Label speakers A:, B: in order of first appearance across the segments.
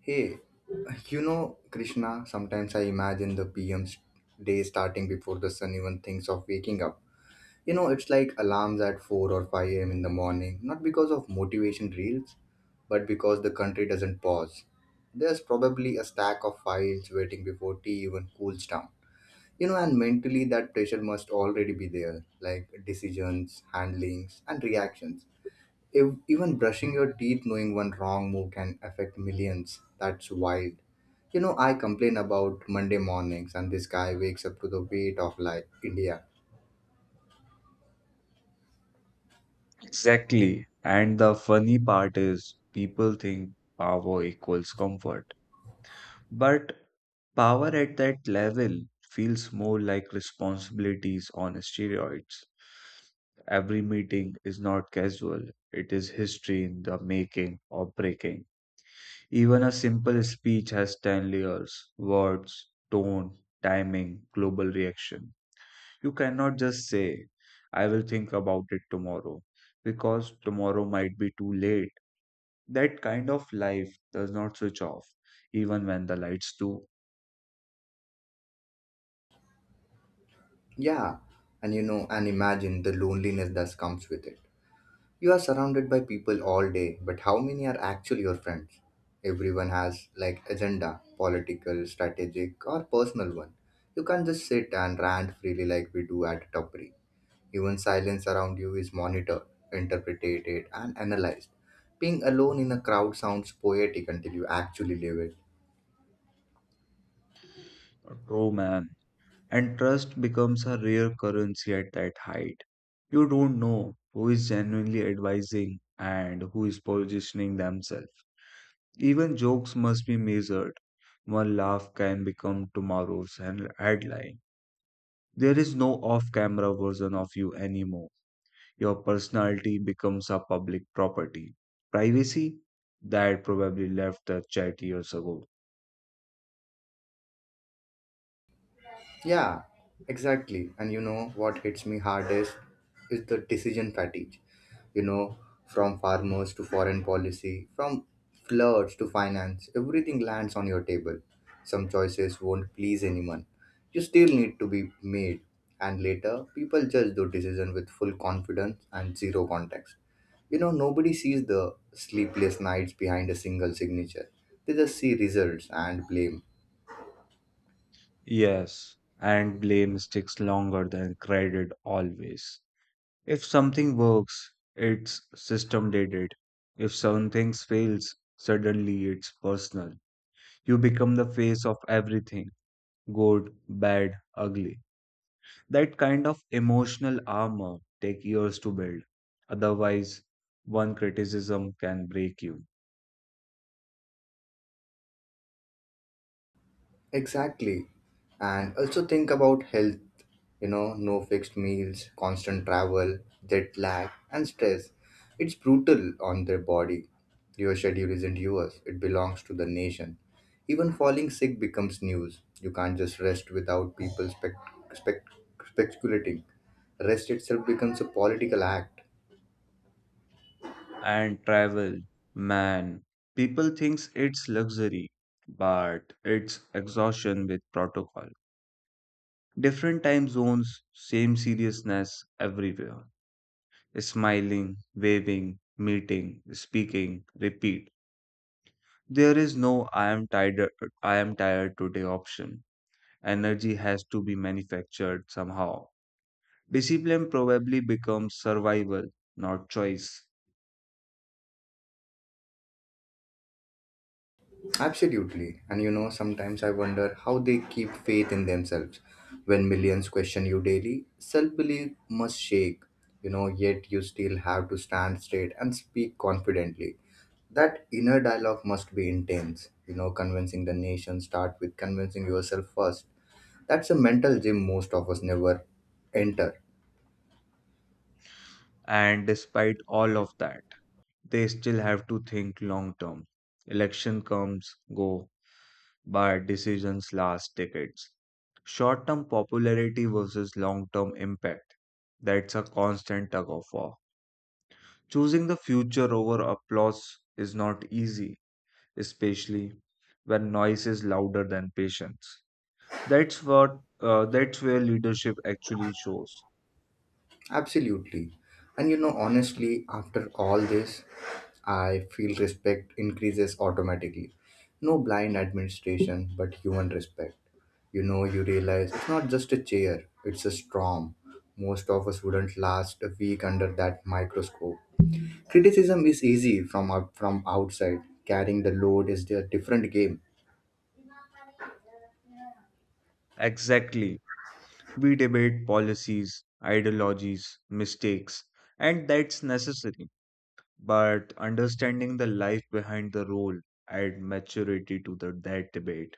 A: Hey, Krishna, sometimes I imagine the PM's day starting before the sun even thinks of waking up. It's like alarms at 4 or 5 a.m. in the morning, not because of motivation reels, but because the country doesn't pause. There's probably a stack of files waiting before tea even cools down. And mentally that pressure must already be there, like decisions, handlings, and reactions. Even brushing your teeth knowing one wrong move can affect millions. That's wild. I complain about Monday mornings and this guy wakes up to the weight of like India.
B: Exactly. And the funny part is, people think power equals comfort. But power at that level feels more like responsibilities on steroids. Every meeting is not casual, it is history in the making or breaking. Even a simple speech has 10 layers words, tone, timing, global reaction. You cannot just say, I will think about it tomorrow, because tomorrow might be too late. That kind of life does not switch off, even when the lights do.
A: Yeah, and imagine the loneliness that comes with it. You are surrounded by people all day, but how many are actually your friends? Everyone has like agenda, political, strategic, or personal one. You can't just sit and rant freely like we do at Tupri. Even silence around you is monitored, interpreted, and analyzed. Being alone in a crowd sounds poetic until you actually live it.
B: True, man. And trust becomes a rare currency at that height. You don't know who is genuinely advising and who is positioning themselves. Even jokes must be measured. One laugh can become tomorrow's headline. There is no off camera version of you anymore. Your personality becomes a public property. Privacy that probably left the chat years ago.
A: Yeah, exactly. And you know what hits me hardest is the decision fatigue. You know, from farmers to foreign policy, from floods to finance, everything lands on your table. Some choices won't please anyone. You still need to be made. And later, people judge those decisions with full confidence and zero context. Nobody sees the sleepless nights behind a single signature. They just see results and blame.
B: Yes, and blame sticks longer than credit always. If something works, its system did it. If something fails, suddenly it's personal. You become the face of everything good, bad, ugly. That kind of emotional armor take years to build. Otherwise, one criticism can break you.
A: Exactly. And also think about health, no fixed meals, constant travel, jet lag, and stress. It's brutal on their body. Your schedule isn't yours, it belongs to the nation. Even falling sick becomes news. You can't just rest without people spec- speculating. Rest itself becomes a political act.
B: And travel. Man, people thinks it's luxury, but it's exhaustion with protocol. Different time zones, same seriousness everywhere. Smiling, waving, meeting, speaking, repeat. There is no I am tired I am tired today option. Energy has to be manufactured somehow. Discipline probably becomes survival, not choice.
A: Absolutely. And sometimes I wonder how they keep faith in themselves. When millions question you daily, self belief must shake, yet you still have to stand straight and speak confidently. That inner dialogue must be intense, convincing the nation start with convincing yourself first. That's a mental gym most of us never enter.
B: And despite all of that, they still have to think long term. Election comes, go, but decisions last decades. Short term popularity versus long term impact. That's a constant tug of war. Choosing the future over applause is not easy, especially when noise is louder than patience. That's what that's where leadership actually shows.
A: Absolutely. And honestly, after all this, I feel respect increases automatically. No blind administration, but human respect. You realize it's not just a chair, it's a storm. Most of us wouldn't last a week under that microscope. Criticism is easy from outside. Carrying the load is a different game.
B: Exactly. We debate policies, ideologies, mistakes, and that's necessary but understanding the life behind the role add maturity to that debate.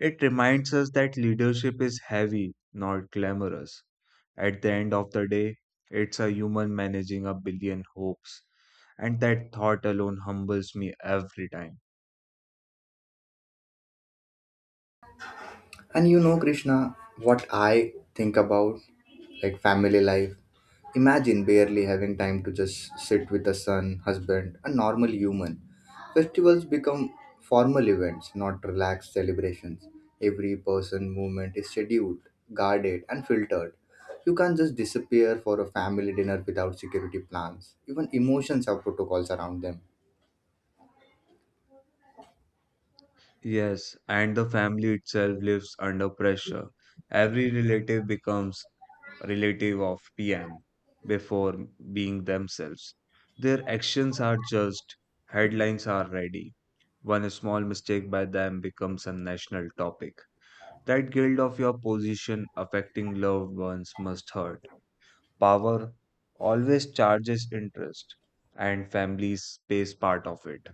B: It reminds us that leadership is heavy, not glamorous. At the end of the day, it's a human managing a billion hopes, and that thought alone humbles me every time.
A: And Krishna, what I think about like family life. Imagine barely having time to just sit with a son, husband, a normal human. Festivals become formal events, not relaxed celebrations. Every person movement is scheduled, guarded, and filtered. You can't just disappear for a family dinner without security plans. Even emotions have protocols around them.
B: Yes, and the family itself lives under pressure. Every relative becomes relative of PM before being themselves. Their actions are judged, headlines are ready. One small mistake by them becomes a national topic. That guilt of your position affecting loved ones must hurt. Power always charges interest, and families pays part of it.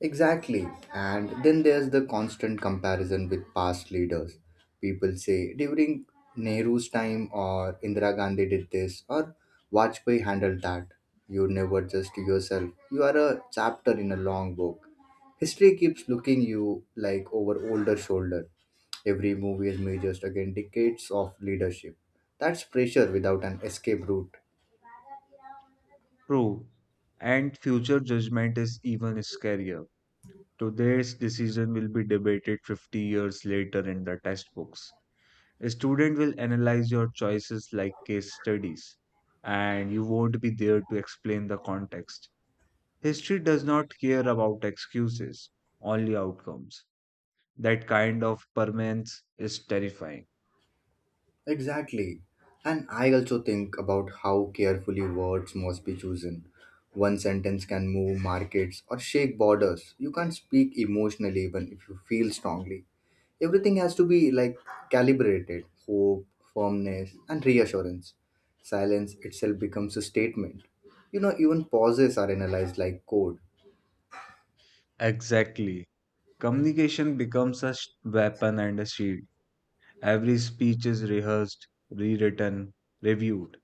A: Exactly. And then there's the constant comparison with past leaders. People say during Nehru's time or Indira Gandhi did this or Vajpayee handled that. You never just yourself. You are a chapter in a long book. History keeps looking you like over older shoulder. Every movie is measured against decades of leadership. That's pressure without an escape route.
B: True. And future judgment is even scarier. Today's decision will be debated 50 years later in the textbooks. A student will analyze your choices like case studies, and you won't be there to explain the context. History does not care about excuses, only outcomes. That kind of permanence is terrifying.
A: Exactly. And I also think about how carefully words must be chosen. One sentence can move markets or shake borders. You can't speak emotionally even if you feel strongly. Everything has to be like calibrated hope, firmness, and reassurance. Silence itself becomes a statement. Even pauses are analyzed like code.
B: Exactly. Communication becomes a weapon and a shield. Every speech is rehearsed, rewritten, reviewed,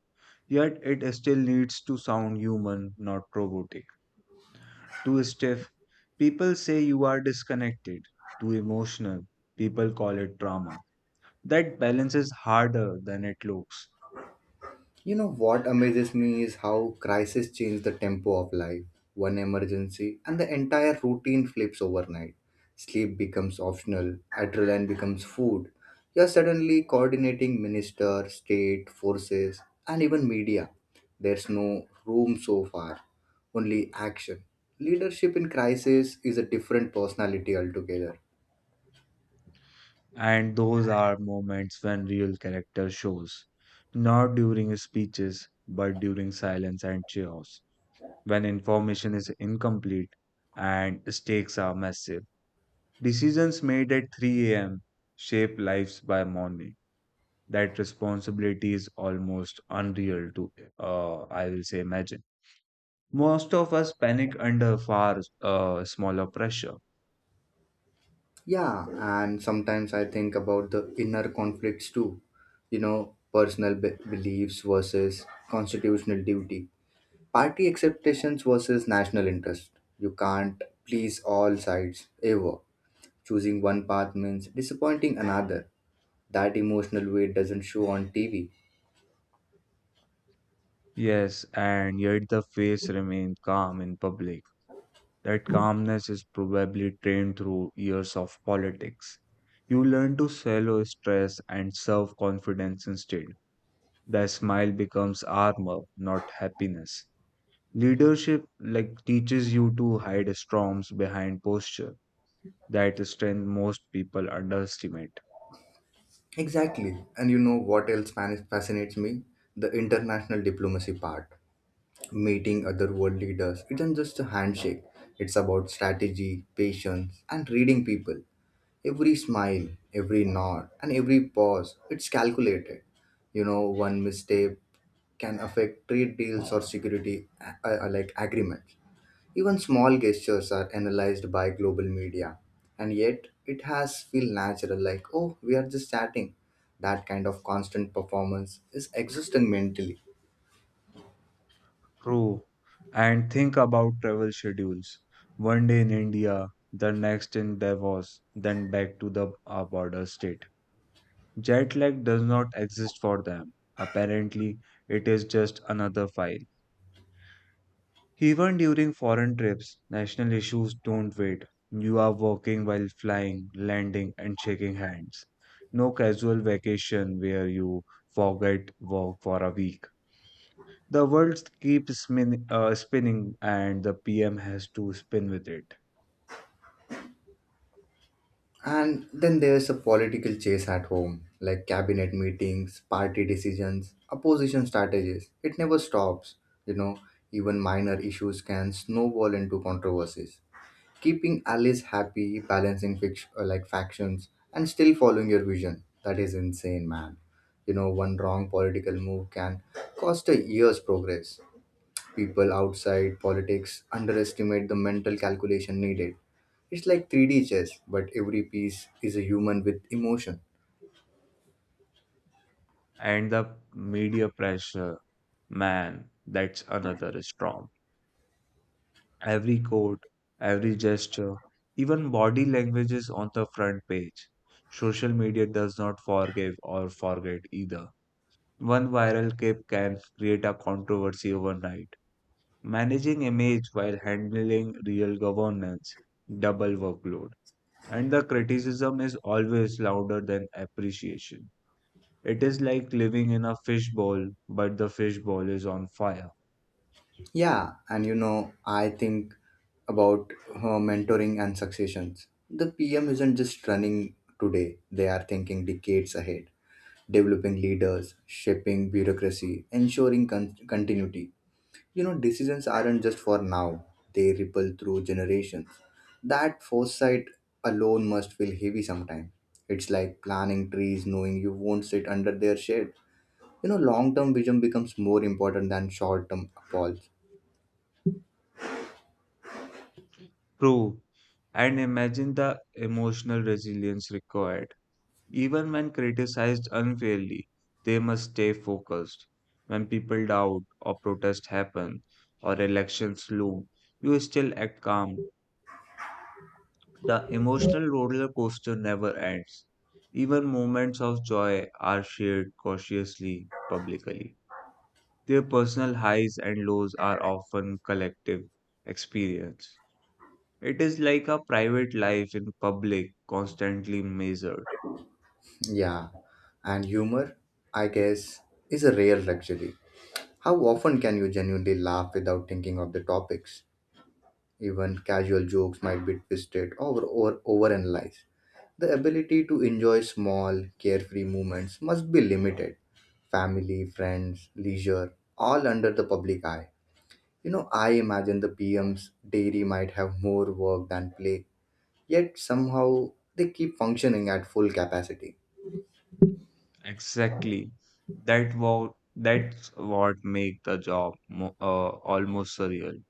B: yet it still needs to sound human, not robotic. Too stiff, people say you are disconnected. Too emotional, people call it drama. That balance is harder than it looks.
A: You know what amazes me is how crises change the tempo of life. One emergency and the entire routine flips overnight. Sleep becomes optional, adrenaline becomes food. You're suddenly coordinating minister, state, forces, and even media. There's no room so far, only action. Leadership in crisis is a different personality altogether.
B: And those are moments when real character shows. Not during speeches, but during silence and chaos. When information is incomplete and stakes are massive. Decisions made at 3 a.m. shape lives by morning. That responsibility is almost unreal to, uh, I will say, imagine. Most of us panic under far smaller pressure.
A: Yeah, and sometimes I think about the inner conflicts too. Personal beliefs versus constitutional duty, party acceptations versus national interest. You can't please all sides ever. Choosing one path means disappointing another. That emotional weight doesn't show on TV.
B: Yes, and yet the face remains calm in public. That calmness is probably trained through years of politics. You learn to swallow stress and serve confidence instead. The smile becomes armor, not happiness. Leadership like teaches you to hide storms behind posture. That strength most people underestimate.
A: Exactly. And you know what else fascinates me? The international diplomacy part. Meeting other world leaders isn't just a handshake. It's about strategy, patience, and reading people. Every smile, every nod, and every pause, it's calculated. One mistake can affect trade deals or security like agreements. Even small gestures are analyzed by global media, and yet it has feel natural like, oh, we are just chatting. That kind of constant performance is exhausting mentally.
B: True. And think about travel schedules. One day in India, the next in Davos, then back to the border state. Jet lag does not exist for them. Apparently, it is just another file. Even during foreign trips, national issues don't wait. You are working while flying, landing, and shaking hands. No casual vacation where you forget work for a week. The world keeps spinning, and the PM has to spin with it.
A: And then there's a political chase at home, like cabinet meetings, party decisions, opposition strategies. It never stops, you know. Even minor issues can snowball into controversies. Keeping allies happy, balancing like factions, and still following your vision. That is insane, man. One wrong political move can cost a year's progress. People outside politics underestimate the mental calculation needed. It's like 3D chess, but every piece is a human with emotion.
B: And the media pressure, man, that's another storm. Every code, every gesture, even body language is on the front page. Social media does not forgive or forget either. One viral clip can create a controversy overnight. Managing image while handling real governance, double workload. And the criticism is always louder than appreciation. It is like living in a fishbowl, but the fishbowl is on fire.
A: Yeah, and I think about mentoring and successions. The PM isn't just running today, they are thinking decades ahead, developing leaders, shaping bureaucracy, ensuring continuity. Decisions aren't just for now, they ripple through generations. That foresight alone must feel heavy sometimes. It's like planting trees knowing you won't sit under their shade. Long term vision becomes more important than short term applause.
B: True. And imagine the emotional resilience required. Even when criticized unfairly, they must stay focused. When people doubt or protests happen or elections loom, you still act calm. The emotional roller coaster never ends. Even moments of joy are shared cautiously publicly. Their personal highs and lows are often collective experience. It is like a private life in public, constantly measured.
A: Yeah, and humor, I guess, is a rare luxury. How often can you genuinely laugh without thinking of the topics? Even casual jokes might be twisted or overanalyzed. The ability to enjoy small, carefree moments must be limited. Family, friends, leisure, all under the public eye. I imagine the PM's dairy might have more work than play, yet somehow they keep functioning at full capacity.
B: Exactly. That's what make the job mo almost surreal.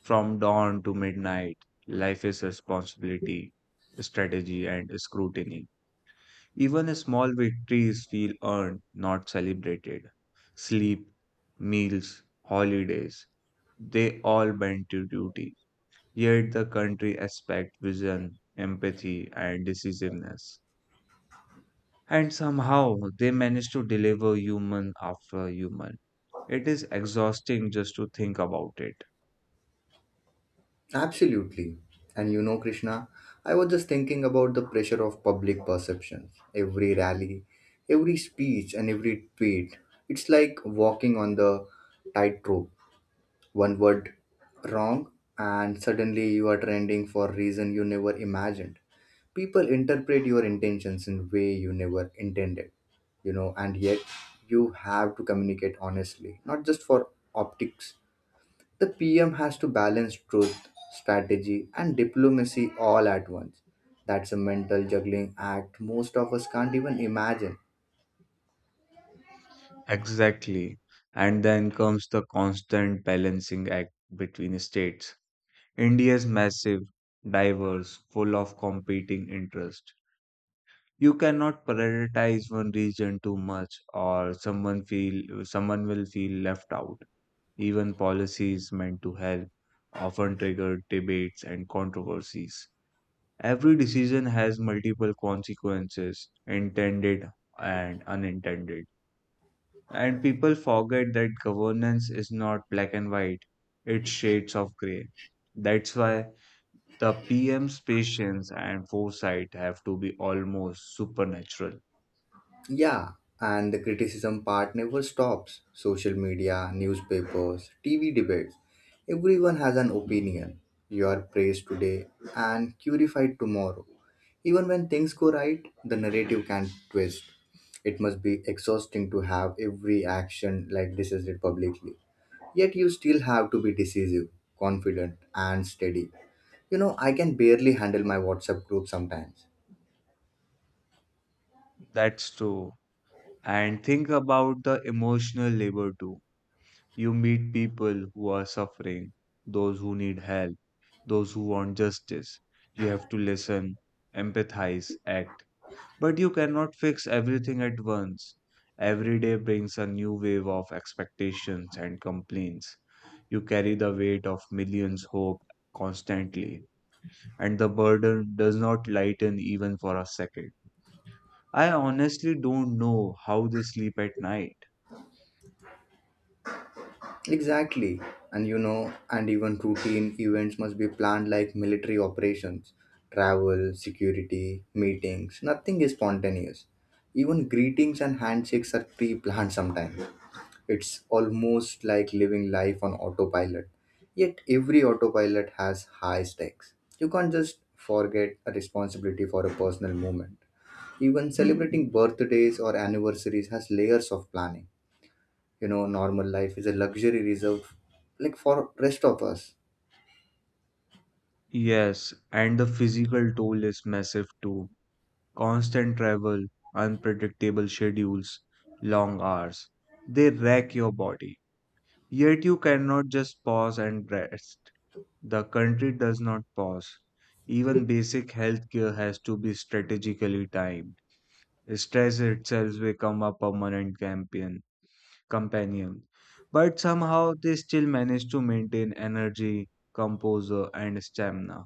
B: From dawn to midnight, life is responsibility, strategy, and scrutiny. Even small victories feel earned, not celebrated. Sleep, meals, holidays, they all bend to duty. Yet the country expects vision, empathy, and decisiveness. And somehow they manage to deliver human after human. It is exhausting just to think about it.
A: Absolutely. And Krishna, I was just thinking about the pressure of public perceptions. Every rally, every speech, and every tweet. It's like walking on the tightrope. One word wrong, and suddenly you are trending for a reason you never imagined. People interpret your intentions in way you never intended, and yet you have to communicate honestly, not just for optics. The PM has to balance truth, strategy, and diplomacy all at once. That's a mental juggling act most of us can't even imagine.
B: Exactly. And then comes the constant balancing act between states. India is massive, diverse, full of competing interests. You cannot prioritize one region too much or someone will feel left out. Even policies meant to help often trigger debates and controversies. Every decision has multiple consequences, intended and unintended. And people forget that governance is not black and white, it's shades of gray. That's why the PM's patience and foresight have to be almost supernatural.
A: Yeah, and the criticism part never stops. Social media, newspapers, TV debates. Everyone has an opinion. You are praised today and purified tomorrow. Even when things go right, the narrative can twist. It must be exhausting to have every action like this is it publicly. Yet you still have to be decisive, confident, and steady. I can barely handle my WhatsApp group sometimes.
B: That's true. And think about the emotional labor too. You meet people who are suffering, those who need help, those who want justice. You have to listen, empathize, act. But you cannot fix everything at once. Every day brings a new wave of expectations and complaints. You carry the weight of millions' hope constantly, and the burden does not lighten even for a second. I honestly don't know how they sleep at night.
A: Exactly. And even routine events must be planned like military operations, travel, security, meetings. Nothing is spontaneous. Even greetings and handshakes are pre planned sometimes. It's almost like living life on autopilot. Yet every autopilot has high stakes. You can't just forget a responsibility for a personal moment. Even celebrating birthdays or anniversaries has layers of planning. Normal life is a luxury reserved like for rest of us.
B: Yes, and the physical toll is massive too. Constant travel, unpredictable schedules, long hours. They wreck your body. Yet you cannot just pause and rest. The country does not pause. Even basic healthcare has to be strategically timed. Stress itself become a permanent campaign, companion. But somehow they still manage to maintain energy, composure, and stamina.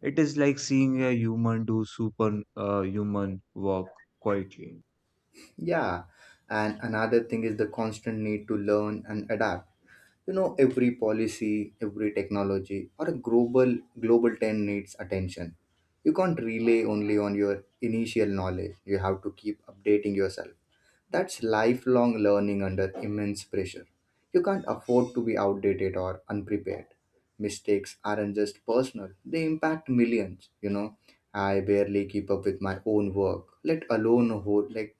B: It is like seeing a human do super human work quietly.
A: Yeah, and another thing is the constant need to learn and adapt. Every policy, every technology or a global trend needs attention. You can't rely only on your initial knowledge. You have to keep updating yourself. That's lifelong learning under immense pressure. You can't afford to be outdated or unprepared. Mistakes aren't just personal, they impact millions. I barely keep up with my own work, let alone a whole like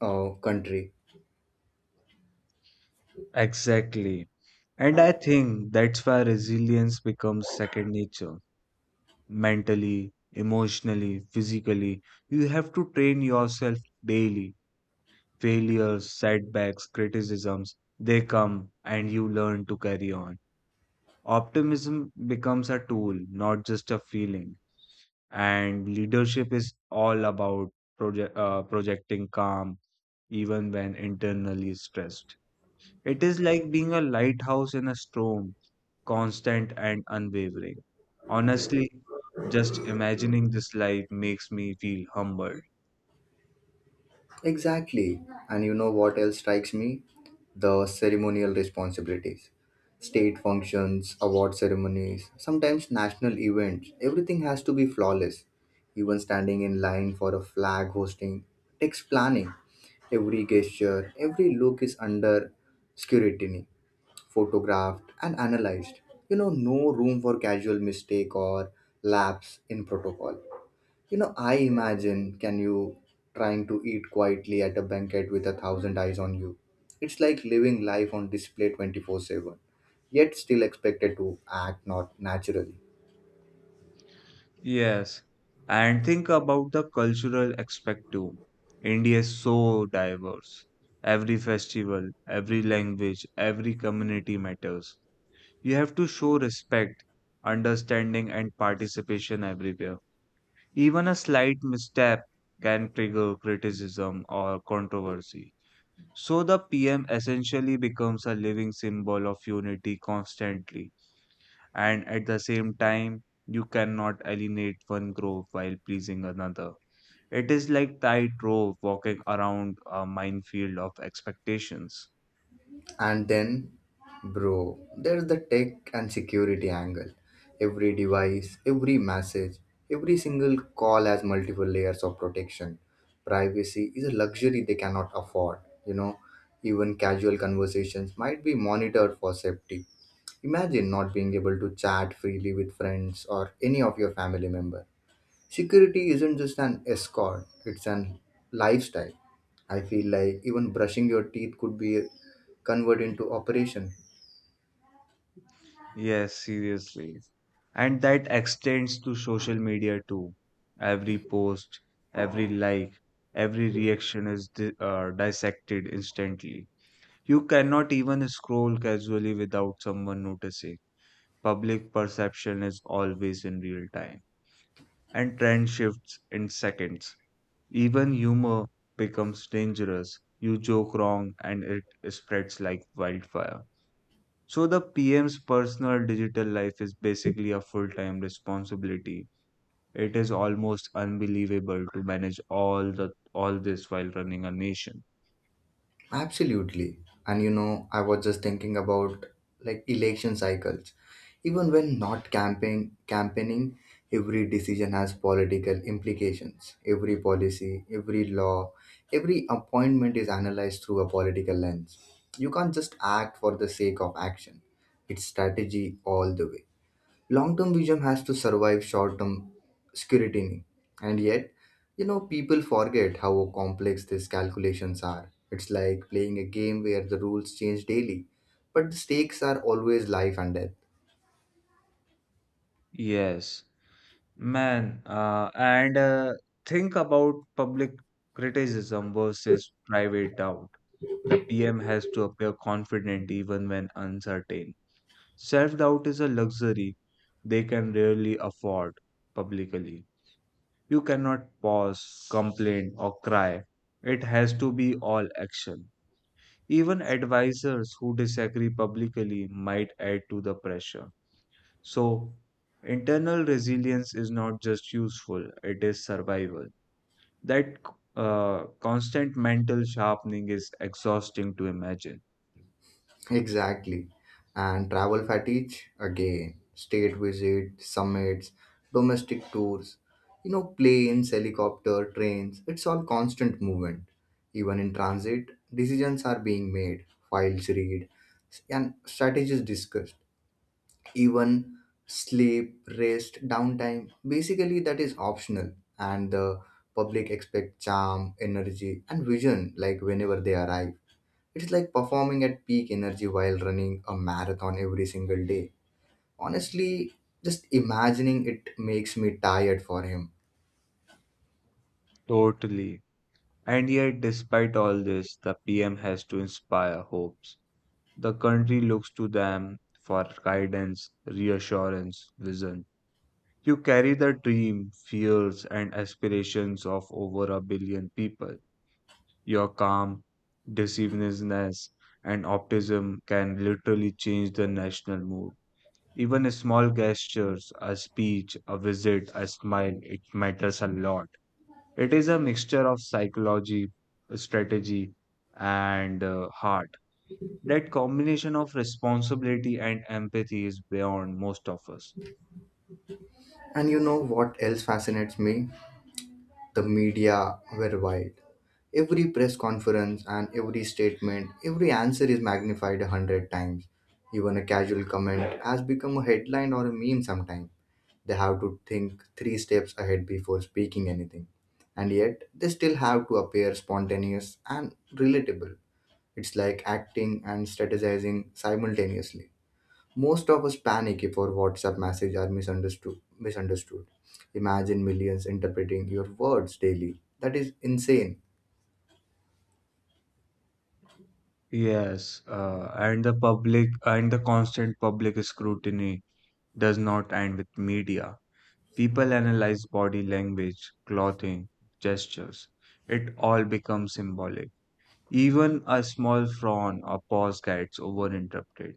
A: country.
B: Exactly. And I think that's why resilience becomes second nature. Mentally, emotionally, physically, you have to train yourself daily. Failures, setbacks, criticisms, they come and you learn to carry on. Optimism becomes a tool, not just a feeling. And leadership is all about projecting calm, even when internally stressed. It is like being a lighthouse in a storm constant and unwavering. Honestly, just imagining this life makes me feel humbled.
A: Exactly. And you know what else strikes me? The ceremonial responsibilities. State functions, award ceremonies, sometimes national events. Everything has to be flawless. Even standing in line for a flag hosting takes planning. Every gesture, every look is under scrutiny, photographed, and analyzed. No room for casual mistake or lapse in protocol. I imagine can you trying to eat quietly at a banquet with a thousand eyes on you. It's like living life on display 24/7, yet still expected to act not naturally.
B: Yes, and think about the cultural aspect too. India is so diverse. Every festival, every language, every community matters. You have to show respect, understanding, and participation everywhere. Even a slight misstep can trigger criticism or controversy. So the PM essentially becomes a living symbol of unity constantly, and at the same time, you cannot alienate one group while pleasing another. It is like tightrope walking around a minefield of expectations.
A: And then, bro, there's the tech and security angle. Every device, every message, every single call has multiple layers of protection. Privacy is a luxury they cannot afford, you know. Even casual conversations might be monitored for safety. Imagine not being able to chat freely with friends or any of your family member. Security isn't just an escort, it's an lifestyle. I feel like even brushing your teeth could be converted into operation.
B: Yes, seriously. And that extends to social media too. Every post, every like, every reaction is dissected instantly. You cannot even scroll casually without someone noticing. Public perception is always in real time, and trend shifts in seconds. Even humor becomes dangerous. You joke wrong, and it spreads like wildfire. So, the PM's personal digital life is basically a full time responsibility. It is almost unbelievable to manage all this while running a nation.
A: Absolutely. And I was just thinking about like election cycles. Even when not campaigning, every decision has political implications. Every policy, every law, every appointment is analyzed through a political lens. You can't just act for the sake of action. It's strategy all the way. Long-term vision has to survive short-term scrutiny. And yet, people forget how complex these calculations are. It's like playing a game where the rules change daily, but the stakes are always life and death.
B: Yes, Man, and think about public criticism versus private doubt. The PM has to appear confident even when uncertain. Self doubt is a luxury they can rarely afford publicly. You cannot pause, complain, or cry. It has to be all action. Even advisors who disagree publicly might add to the pressure. So, internal resilience is not just useful, it is survival. That constant mental sharpening is exhausting to imagine.
A: Exactly. And travel fatigue again. State visit, summits, domestic tours, planes, helicopter, trains, it's all constant movement. Even in transit, decisions are being made, files read, and strategies discussed. Even sleep, rest, downtime, basically that is optional. And the public expect charm, energy, and vision like whenever they arrive. It's like performing at peak energy while running a marathon every single day. Honestly, just imagining it makes me tired for him.
B: Totally. And yet, despite all this, the PM has to inspire hopes. The country looks to them for guidance, reassurance, vision. You carry the dream, fears, and aspirations of over a billion people. Your calm, decisiveness, and optimism can literally change the national mood. Even a small gestures, a speech, a visit, a smile, it matters a lot. It is a mixture of psychology, strategy, and heart. That combination of responsibility and empathy is beyond most of us.
A: And you know what else fascinates me? The media were wild. Every press conference and every statement, every answer is magnified a hundred times. Even a casual comment has become a headline or a meme sometimes. They have to think three steps ahead before speaking anything. And yet, they still have to appear spontaneous and relatable. It's like acting and strategizing simultaneously. Most of us panic if our WhatsApp messages are misunderstood. Imagine millions interpreting your words daily. That is insane.
B: Yes, and the constant public scrutiny does not end with media. People analyze body language, clothing, gestures. It all becomes symbolic. Even a small frown or pause gets overinterpreted.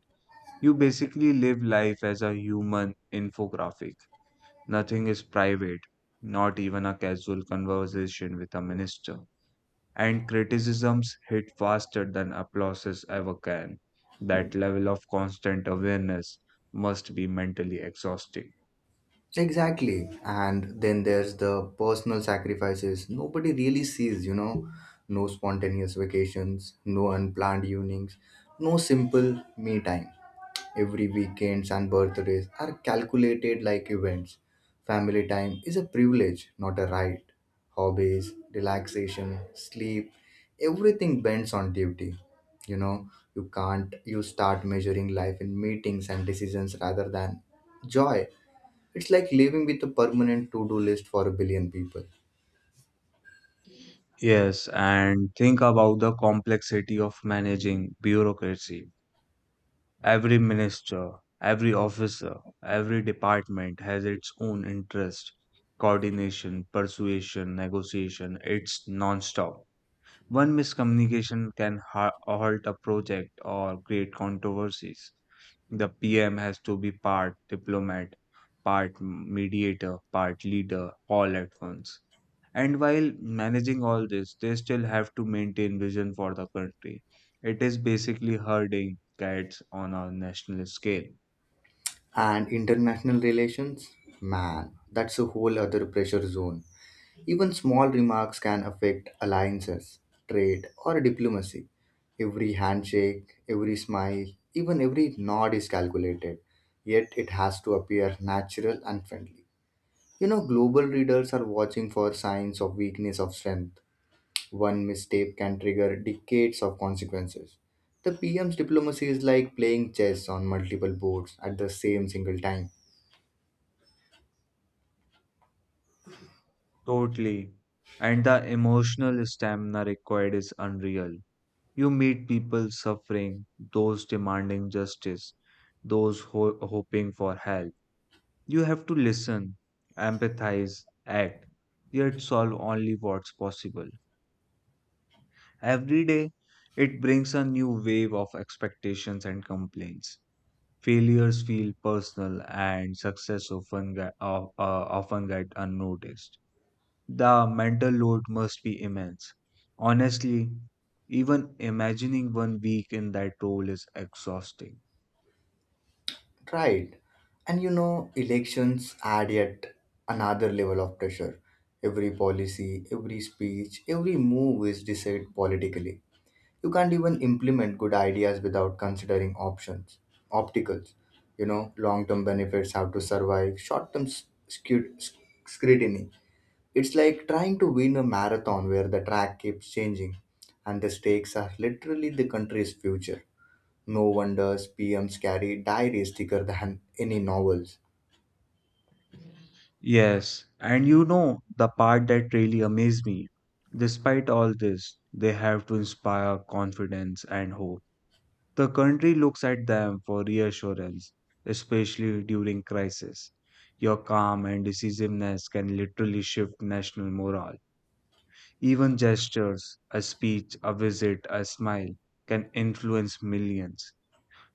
B: You basically live life as a human infographic. Nothing is private, not even a casual conversation with a minister. And criticisms hit faster than applauses ever can. That level of constant awareness must be mentally exhausting.
A: Exactly. And then there's the personal sacrifices nobody really sees. No spontaneous vacations, no unplanned evenings, no simple me time. Every weekends and birthdays are calculated like events. Family time is a privilege, not a right. Hobbies, relaxation, sleep, everything bends on duty. You know, you can't, you start measuring life in meetings and decisions rather than joy. It's like living with a permanent to do list for a billion people.
B: Yes, and think about the complexity of managing bureaucracy. Every minister, every officer, every department has its own interest. Coordination, persuasion, negotiation, it's non-stop. One miscommunication can halt a project or create controversies. The PM has to be part diplomat, part mediator, part leader, all at once. And while managing all this, they still have to maintain vision for the country. It is basically herding cats on a national scale.
A: And international relations, man, that's a whole other pressure zone. Even small remarks can affect alliances, trade, or diplomacy. Every handshake, every smile, even every nod is calculated, yet it has to appear natural and friendly. Global readers are watching for signs of weakness of strength. One mistake can trigger decades of consequences. The PM's diplomacy is like playing chess on multiple boards at the same single time.
B: Totally. And the emotional stamina required is unreal. You meet people suffering, those demanding justice, those hoping for help. You have to listen, empathize, act, yet solve only what's possible. Every day, it brings a new wave of expectations and complaints. Failures feel personal, and success often get unnoticed. The mental load must be immense. Honestly, even imagining one week in that role is exhausting.
A: Right. And elections add yet another level of pressure. Every policy, every speech, every move is decided politically. You can't even implement good ideas without considering options opticals. Long term benefits have to survive short term scrutiny. It's like trying to win a marathon where the track keeps changing, and the stakes are literally the country's future. No wonders PMs carry diaries thicker than any novels.
B: Yes, and you know the part that really amazed me. Despite all this, they have to inspire confidence and hope. The country looks at them for reassurance, especially during crisis. Your calm and decisiveness can literally shift national morale. Even gestures, a speech, a visit, a smile can influence millions.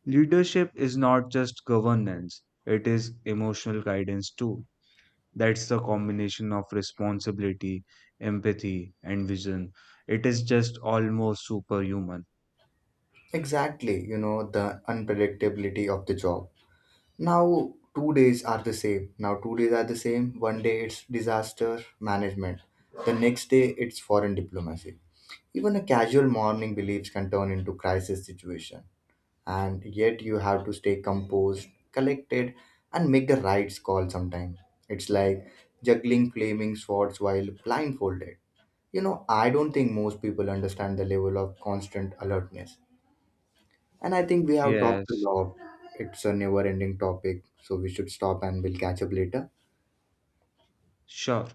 B: Leadership is not just governance, it is emotional guidance too. That's the combination of responsibility, empathy, and vision. It is just almost superhuman.
A: Exactly, the unpredictability of the job. Now, 2 days are the same. Now, 2 days are the same. One day it's disaster management, the next day it's foreign diplomacy. Even a casual morning beliefs can turn into crisis situation. And yet, you have to stay composed, collected, and make the right call sometimes. It's like juggling flaming swords while blindfolded. I don't think most people understand the level of constant alertness. And I think we have talked a
B: Yes,
A: lot. It's a never ending topic, so we should stop and we'll catch up later.
B: sure.